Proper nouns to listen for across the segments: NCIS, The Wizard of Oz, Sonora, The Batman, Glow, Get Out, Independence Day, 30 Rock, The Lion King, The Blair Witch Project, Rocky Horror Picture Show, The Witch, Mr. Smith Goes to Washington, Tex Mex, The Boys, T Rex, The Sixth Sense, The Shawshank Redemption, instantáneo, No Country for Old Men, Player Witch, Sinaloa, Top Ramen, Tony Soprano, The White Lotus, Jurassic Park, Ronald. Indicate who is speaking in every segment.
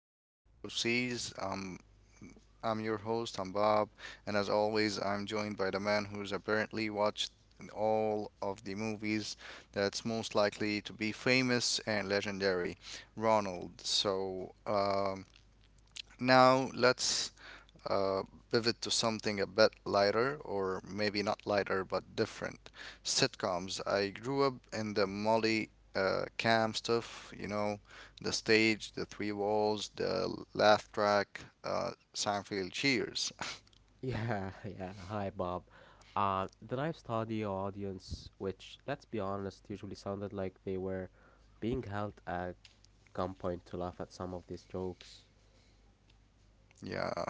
Speaker 1: and Front Row Seas. I'm your host, I'm Bob, and as always, I'm joined by the man who's apparently watched all of the movies that's most likely to be famous and legendary, Ronald. Now let's uh, pivot to something a bit lighter, or maybe not lighter, but different. Sitcoms. I grew up in the Molly Cam stuff, you know, the stage, the three walls, the laugh track, Seinfeld, Cheers.
Speaker 2: Yeah, yeah. Hi, Bob. The live studio audience, which, let's be honest, usually sounded like they were being held at gunpoint to laugh at some of these jokes.
Speaker 1: Yeah.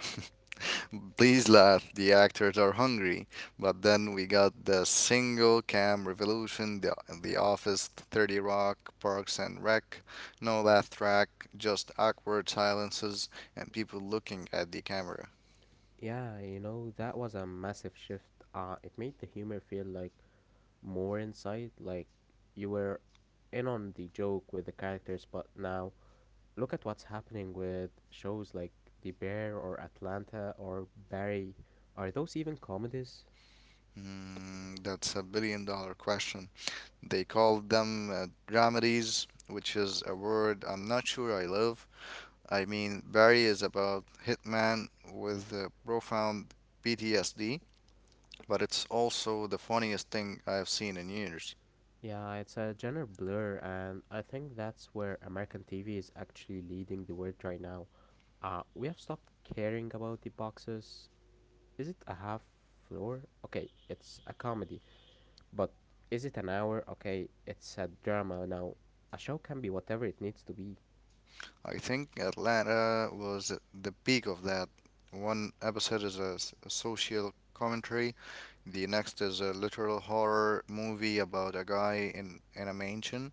Speaker 1: Please laugh, the actors are hungry. But then we got the single cam revolution, the Office, 30 Rock, Parks and Rec. No laugh track, just awkward silences and people looking at the camera.
Speaker 2: Yeah, that was a massive shift. It made the humor feel like more inside, like you were in on the joke with the characters, but now look at what's happening with shows like The Bear or Atlanta or Barry. Are those even comedies?
Speaker 1: Hmm, that's a billion-dollar question. They called them dramedies, which is a word I'm not sure I love. I mean, Barry is about Hitman with a profound PTSD, but it's also the funniest thing I've seen in years.
Speaker 2: Yeah, it's a gender blur, and I think that's where American TV is actually leading the world right now. We have stopped caring about the boxes. Is it a half floor? Okay, it's a comedy, but is it an hour? Okay, it's a drama now. A show can be whatever it needs to be.
Speaker 1: I think Atlanta was the peak of that. One episode is a social commentary, the next is a literal horror movie about a guy in a mansion,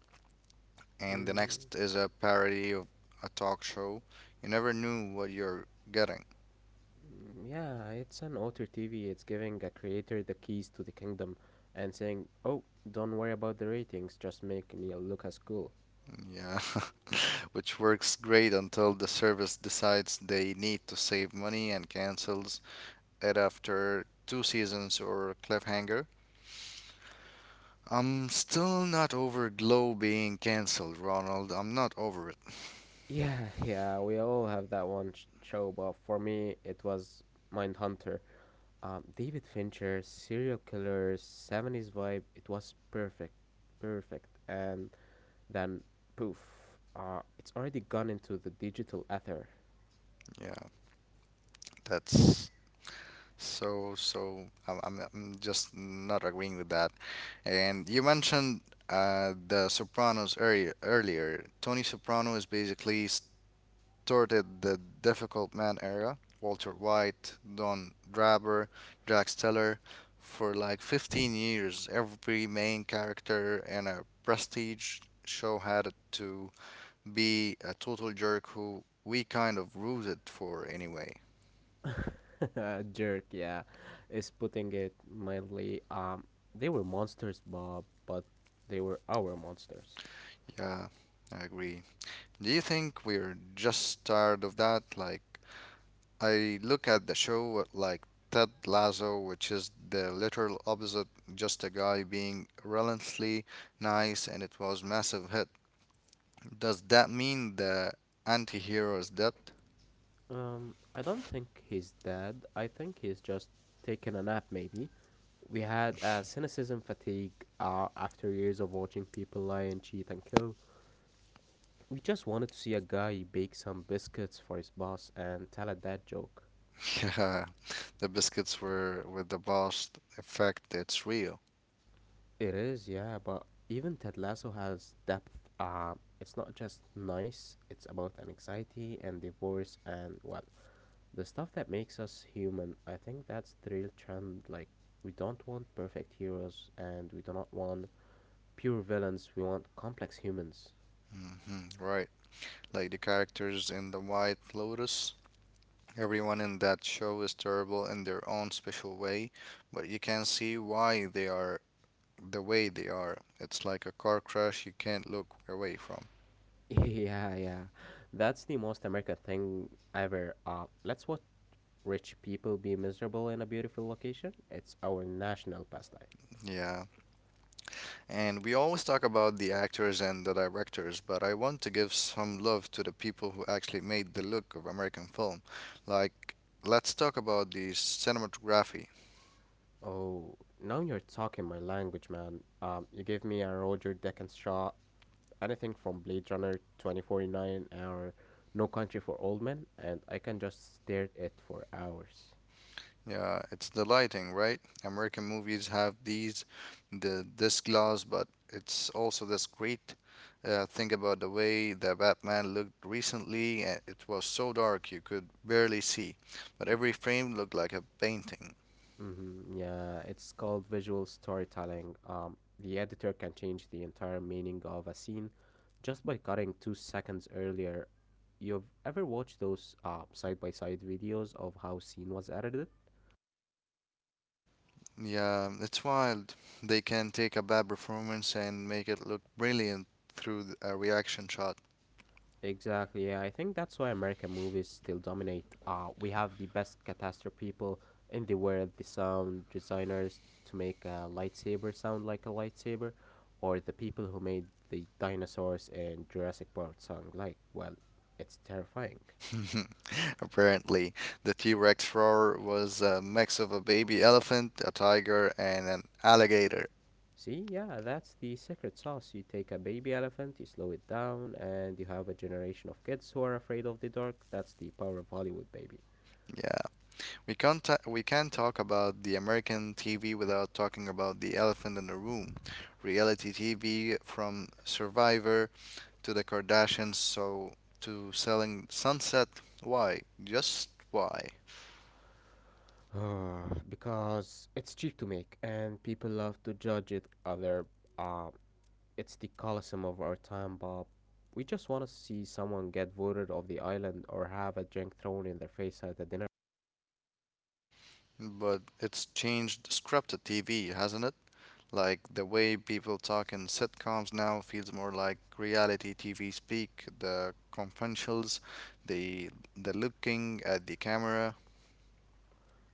Speaker 1: and the
Speaker 2: Mm,
Speaker 1: next is a parody of a talk show. You never knew what you're getting.
Speaker 2: yeah, it's an author TV. It's giving a creator the keys to the kingdom and saying, oh, don't worry about the ratings, just make me look as cool.
Speaker 1: Yeah. Which works great until the service decides they need to save money and cancels it after two seasons or a cliffhanger. I'm still not over Glow being cancelled, Ronald. I'm not over it.
Speaker 2: Yeah, yeah, we all have that one show, but for me, it was Mindhunter. David Fincher, serial killer, 70s vibe, it was perfect. Perfect. And then, poof, it's already gone into the digital ether.
Speaker 1: Yeah, that's so so. I'm just not agreeing with that. And you mentioned the Sopranos earlier. Earlier, Tony Soprano is basically touted the Difficult Man era, Walter White, Don Draper, Jack Steller, for like 15 years. Every main character in a prestige show had to be a total jerk who we kind of rooted for anyway.
Speaker 2: Jerk, yeah, is putting it mildly. They were monsters, Bob, but they were our monsters.
Speaker 1: Yeah, I agree. Do you think we're just tired of that? Like, I look at the show like Ted Lasso, which is the literal opposite, just a guy being relentlessly nice, and it was massive hit. Does that mean the anti-hero is dead?
Speaker 2: I don't think he's dead. I think he's just taking a nap, maybe. We had a cynicism fatigue after years of watching people lie and cheat and kill. We just wanted to see a guy bake some biscuits for his boss and tell a dad joke.
Speaker 1: Yeah, the biscuits were with the boss effect. It's real.
Speaker 2: It is, yeah, but even Ted Lasso has depth. It's not just nice, it's about anxiety and divorce and, well, the stuff that makes us human. I think that's the real trend. Like, we don't want perfect heroes and we do not want pure villains, we want complex humans.
Speaker 1: Hmm, right, like the characters in The White Lotus. Everyone in that show is terrible in their own special way, but you can see why they are the way they are. It's like a car crash you can't look away from.
Speaker 2: Yeah, yeah. That's the most American thing ever. Let's watch rich people be miserable in a beautiful location. It's our national pastime.
Speaker 1: Yeah. And we always talk about the actors and the directors, but I want to give some love to the people who actually made the look of American film. Like, let's talk about the cinematography.
Speaker 2: Oh, now you're talking my language, man. You gave me a Roger Deakins shot, anything from Blade Runner 2049 or No Country for Old Men, and I can just stare at it for hours.
Speaker 1: Yeah, it's the lighting, right? American movies have these, the this glass, but it's also this great thing about the way the Batman looked recently. It was so dark you could barely see, but every frame looked like a painting.
Speaker 2: Hmm, yeah, it's called visual storytelling. The editor can change the entire meaning of a scene just by cutting 2 seconds earlier. You've ever watched those side by side videos of how scene was edited?
Speaker 1: Yeah, it's wild. They can take a bad performance and make it look brilliant through a reaction shot.
Speaker 2: Exactly. Yeah, I think that's why American movies still dominate. We have the best catastrophe people in the world, the sound designers to make a lightsaber sound like a lightsaber, or the people who made the dinosaurs in Jurassic Park sound like, well, it's terrifying.
Speaker 1: Apparently, the T Rex roar was a mix of a baby elephant, a tiger, and an alligator.
Speaker 2: See, yeah, that's the secret sauce. You take a baby elephant, you slow it down, and you have a generation of kids who are afraid of the dark. That's the power of Hollywood, baby.
Speaker 1: Yeah, we can't talk about the American TV without talking about the elephant in the room. Reality TV from Survivor to the Kardashians, so to selling Sunset. Why? Just why?
Speaker 2: Because it's cheap to make and people love to judge it other uh, it's the coliseum of our time, Bob. We just want to see someone get voted off the island or have a drink thrown in their face at a dinner.
Speaker 1: But it's changed scripted TV, hasn't it? Like the way people talk in sitcoms now feels more like reality TV speak. The confidentials, the the looking at the camera.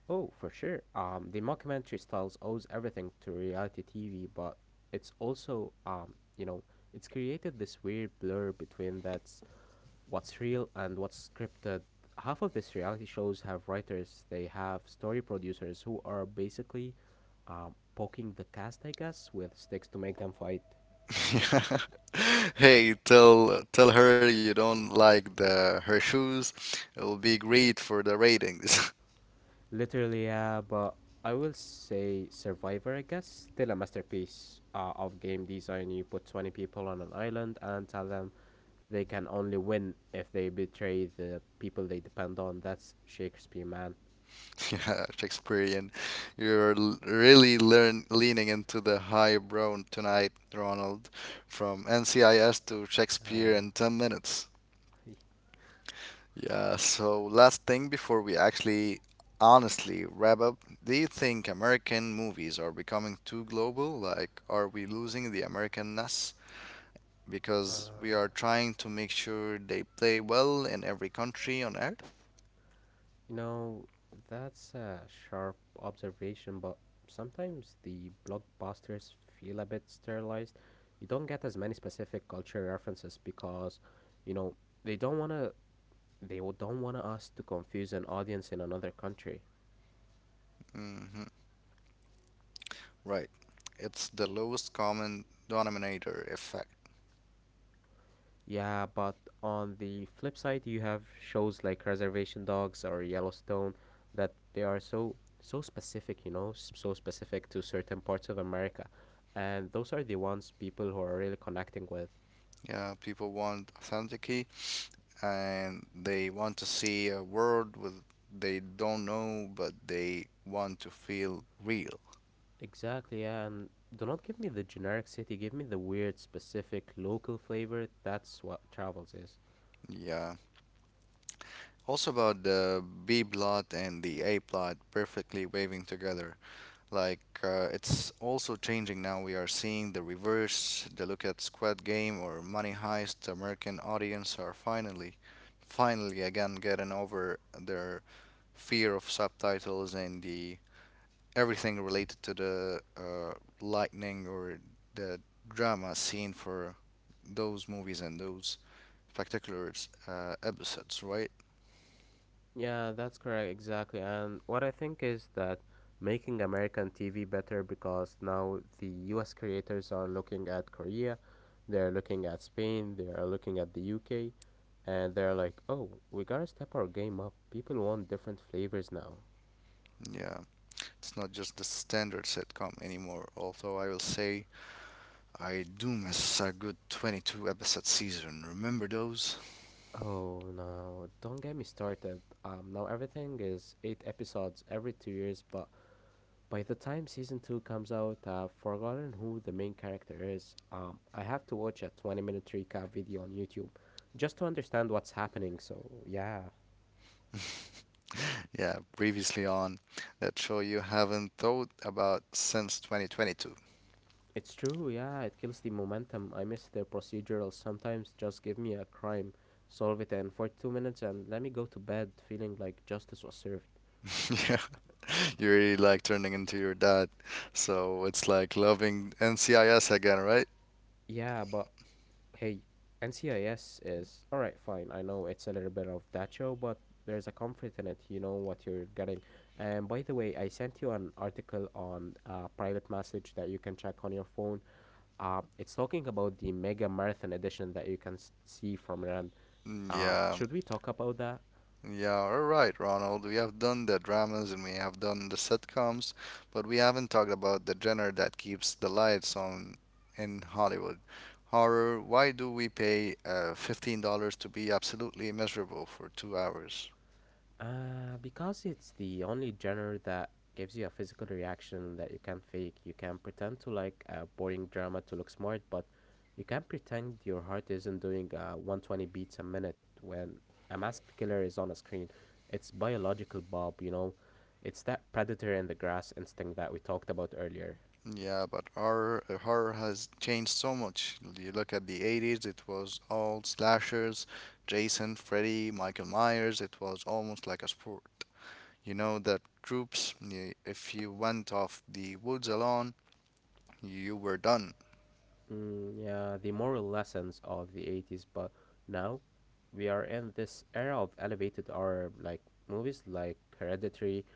Speaker 2: Oh, for sure, the mockumentary styles owes everything to reality TV, but it's also, you know, it's created this weird blur between that's what's real and what's scripted. Half of these reality shows have writers, they have story producers who are basically poking the cast, I guess, with sticks to make them fight.
Speaker 1: Hey, tell her you don't like the her shoes. It will be great for the ratings.
Speaker 2: Literally, yeah, but I will say Survivor, I guess, still a masterpiece of game design. You put 20 people on an island and tell them they can only win if they betray the people they depend on. That's Shakespeare, man.
Speaker 1: Yeah, Shakespearean. You're really learn leaning into the highbrow tonight, Ronald. From NCIS to Shakespeare
Speaker 2: Uh,
Speaker 1: in 10 minutes. Yeah, so last thing before we actually honestly wrap up, do you think American movies are becoming too global? Like, are we losing the Americanness? Because we are trying to make sure they play well in every country on earth.
Speaker 2: You know, that's a sharp observation, but sometimes the blockbusters feel a bit sterilized. You don't get as many specific culture references because, you know, they don't wanna they don't want us to confuse an audience in another country.
Speaker 1: Hmm, right. It's the lowest common denominator effect.
Speaker 2: Yeah, but on the flip side, you have shows like Reservation Dogs or Yellowstone that they are so specific, so specific to certain parts of America, and those are the ones people who are really connecting with.
Speaker 1: Yeah, people want authenticity and they want to see a world with they don't know but they want to feel real.
Speaker 2: Exactly, yeah, and do not give me the generic city, give me the weird, specific, local flavor. That's what travels is.
Speaker 1: Yeah. Also about the B plot and the A plot perfectly waving together. Like it's also changing now. We are seeing the reverse. The look at squad Game or Money Heist. The American audience are finally, finally again getting over their fear of subtitles and the everything related to the lightning or the drama scene for those movies and those particular episodes, right?
Speaker 2: Yeah, that's correct, exactly. And what I think is that making American TV better because now the US creators are looking at Korea, they're looking at Spain, they are looking at the UK, and they're like, oh, we gotta step our game up. People want different flavors now.
Speaker 1: Yeah, it's not just the standard sitcom anymore. Although I will say I do miss a good 22-episode season. Remember those?
Speaker 2: Oh no, don't get me started. Now everything is eight episodes every 2 years, but by the time season 2 comes out, I've forgotten who the main character is. I have to watch a 20-minute recap video on YouTube just to understand what's happening, so yeah.
Speaker 1: Yeah, previously on that show you haven't thought about since 2022.
Speaker 2: It's true, yeah, it kills the momentum. I miss their procedurals. Sometimes just give me a crime, solve it in 42 minutes, and let me go to bed feeling like justice was served.
Speaker 1: Yeah, you really like turning into your dad. So it's like loving NCIS again, right?
Speaker 2: Yeah, but hey, NCIS is all right, fine. I know it's a little bit of that show, but there's a comfort in it. You know what you're getting. And by the way, I sent you an article on a private message that you can check on your phone. It's talking about the mega marathon edition that you can see from Rand.
Speaker 1: Mm,
Speaker 2: Um,
Speaker 1: yeah.
Speaker 2: should we talk about that?
Speaker 1: Yeah, all right, Ronald. We have done the dramas and we have done the sitcoms, but we haven't talked about the genre that keeps the lights on in Hollywood. Horror, why do we pay $15 to be absolutely miserable for 2 hours?
Speaker 2: Because it's the only genre that gives you a physical reaction that you can't fake. You can pretend to like a boring drama to look smart, but you can't pretend your heart isn't doing 120 beats a minute when a masked killer is on a screen. It's biological, Bob, you know? It's that predator in the grass instinct that we talked about earlier.
Speaker 1: Yeah, but horror, horror has changed so much. You look at the 80s, it was all slashers, Jason, Freddy, Michael Myers, it was almost like a sport. You know that troops, if you went off the woods alone, you were done.
Speaker 2: Mm, yeah, the moral lessons of the 80s, but now we are in this era of elevated horror like movies like Hereditary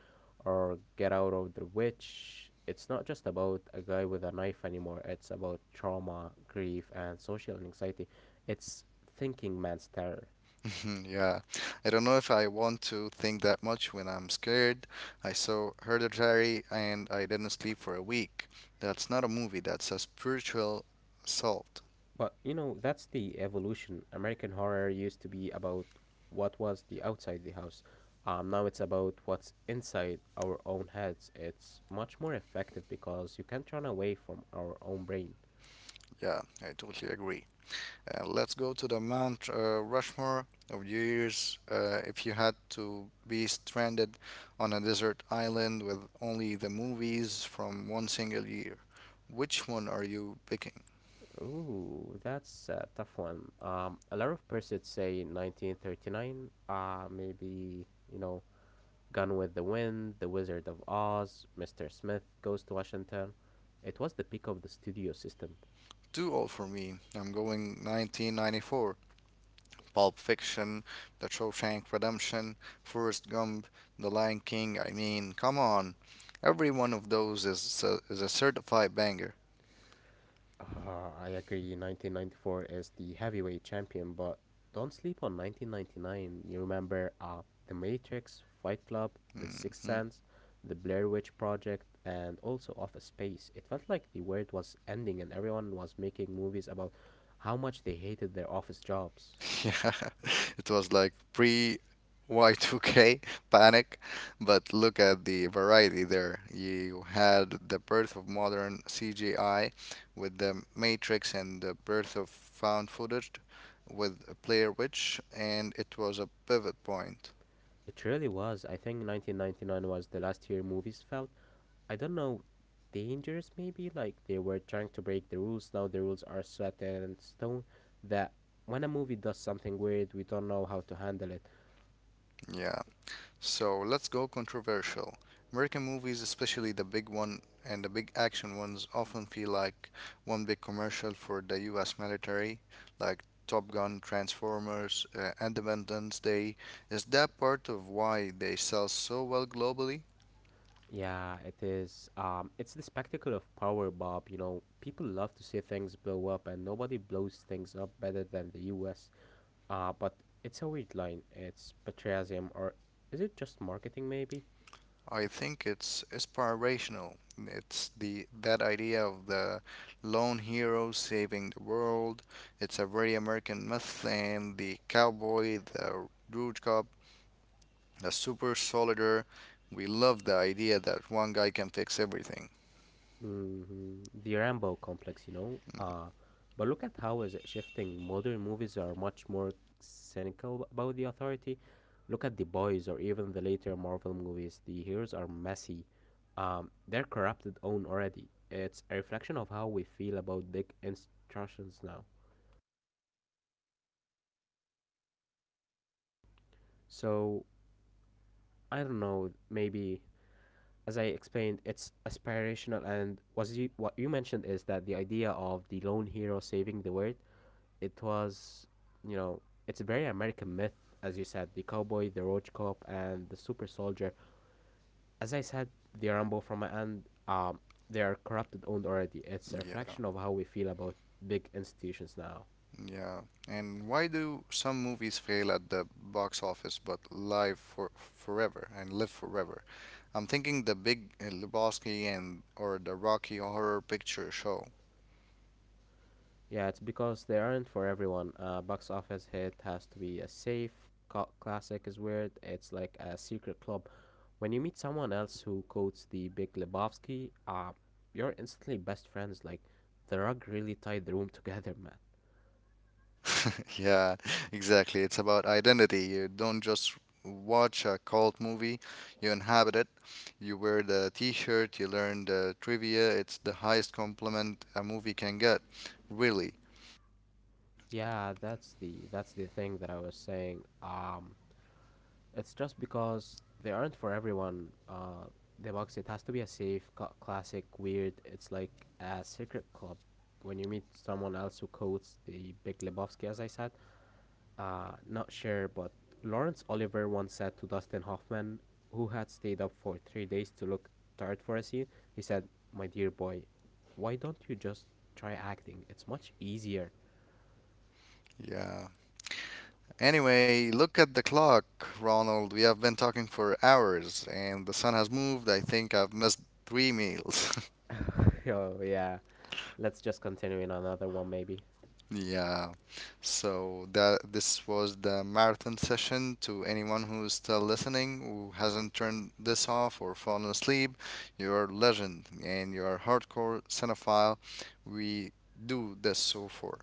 Speaker 2: or Get Out of the Witch. It's not just about a guy with a knife anymore. It's about trauma, grief, and social anxiety. It's thinking man's terror.
Speaker 1: Yeah. I don't know if I want to think that much when I'm scared. I saw Hereditary and I didn't sleep for a week. That's not a movie, that's a spiritual assault.
Speaker 2: But you know, that's the evolution. American horror used to be about what was the outside the house. Now it's about what's inside our own heads. It's much more effective because you can't run away from our own brain.
Speaker 1: Yeah, I totally agree. Let's go to the Mount Rushmore of years. If you had to be stranded on a desert island with only the movies from one single year, which one are you picking?
Speaker 2: Ooh, that's a tough one. A lot of persons say 1939. Maybe you know, Gone with the Wind, The Wizard of Oz, Mr. Smith Goes to Washington. It was the peak of the studio system.
Speaker 1: Too old for me. I'm going 1994. Pulp Fiction, The Shawshank Redemption, Forrest Gump, The Lion King. I mean, come on. Every one of those is is a certified banger.
Speaker 2: I agree. 1994 is the heavyweight champion, but don't sleep on 1999. You remember The Matrix, Fight Club, The Sixth
Speaker 1: Hmm.
Speaker 2: Sense, The Blair Witch Project, and also Office Space. It felt like the world was ending and everyone was making movies about how much they hated their office jobs.
Speaker 1: Yeah, it was like pre Y2K panic, but look at the variety there. You had the birth of modern CGI with the Matrix and the birth of found footage with Player Witch, and it was a pivot point.
Speaker 2: It really was. I think 1999 was the last year movies felt I don't know, dangerous maybe. Like they were trying to break the rules. Now the rules are set in stone that when a movie does something weird, we don't know how to handle it.
Speaker 1: Yeah. So let's go controversial. American movies, especially the big one and the big action ones, often feel like one big commercial for the US military, like Top Gun, Transformers, Independence Day. Is that part of why they sell so well globally?
Speaker 2: Yeah, it is. It's the spectacle of power, Bob. You know, people love to see things blow up, and nobody blows things up better than the U.S. But it's a weird line. It's patriotism, or is it just marketing? Maybe.
Speaker 1: I think it's inspirational. It's the that idea of the lone hero saving the world. It's a very American myth, and the cowboy, the rude cop a super solider. We love the idea that one guy can fix everything.
Speaker 2: Mhm. The Rambo complex, you know. But look at how is it shifting. Modern movies are much more cynical about the authority. Look at the boys or even the later Marvel movies. The heroes are messy. They're corrupted own already. It's a reflection of how we feel about big institutions now. So I don't know. Maybe as I explained, it's aspirational. And was you, what you mentioned is that the idea of the lone hero saving the world it was, you know, it's a very American myth, as you said, the cowboy, the roach cop, and the super soldier. As I said, the Rambo from my end, they are corrupted owned already. It's a
Speaker 1: Yeah,
Speaker 2: reflection of how we feel about big institutions now.
Speaker 1: yeah. And why do some movies fail at the box office but live for forever and live forever? I'm thinking the Big Lebowski and or the Rocky Horror Picture Show.
Speaker 2: Yeah, it's because they aren't for everyone. Box office hit has to be a safe cult classic. Is weird. It's like a secret club. When you meet someone else who quotes the Big Lebowski, you're instantly best friends. Like, the rug really tied the room together, man.
Speaker 1: Yeah, exactly. It's about identity. You don't just watch a cult movie, you inhabit it. You wear the t-shirt, you learn the trivia. It's the highest compliment a movie can get. Really.
Speaker 2: Yeah, that's the thing that I was saying. It's just because they aren't for everyone. The box it has to be a safe, classic, weird. It's like a secret club. When you meet someone else who quotes the Big Lebowski, as I said, not sure, but Lawrence Oliver once said to Dustin Hoffman, who had stayed up for 3 days to look tired for a scene, he said, "My dear boy, why don't you just try acting? It's much easier."
Speaker 1: Yeah. Anyway, look at the clock, Ronald. We have been talking for hours and the sun has moved. I think I've missed three meals.
Speaker 2: Oh yeah. Let's just continue in another one maybe.
Speaker 1: Yeah. So that this was the marathon session to anyone who's still listening, who hasn't turned this off or fallen asleep. You're a legend and you're a hardcore cinephile. We do this so for.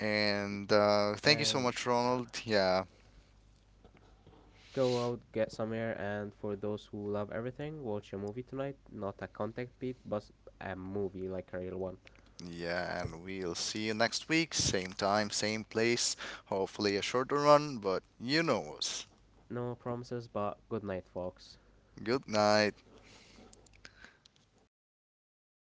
Speaker 1: And thank you so
Speaker 2: And
Speaker 1: much,
Speaker 2: yeah,
Speaker 1: Ronald. Yeah.
Speaker 2: go out, get some air, and for those who love everything, watch a movie tonight. Not a contact beat, but a movie like a real one.
Speaker 1: Yeah, and we'll see you next week. Same time, same place. Hopefully a shorter run, but you know us.
Speaker 2: No promises, but good night, folks.
Speaker 1: Good night. Eddie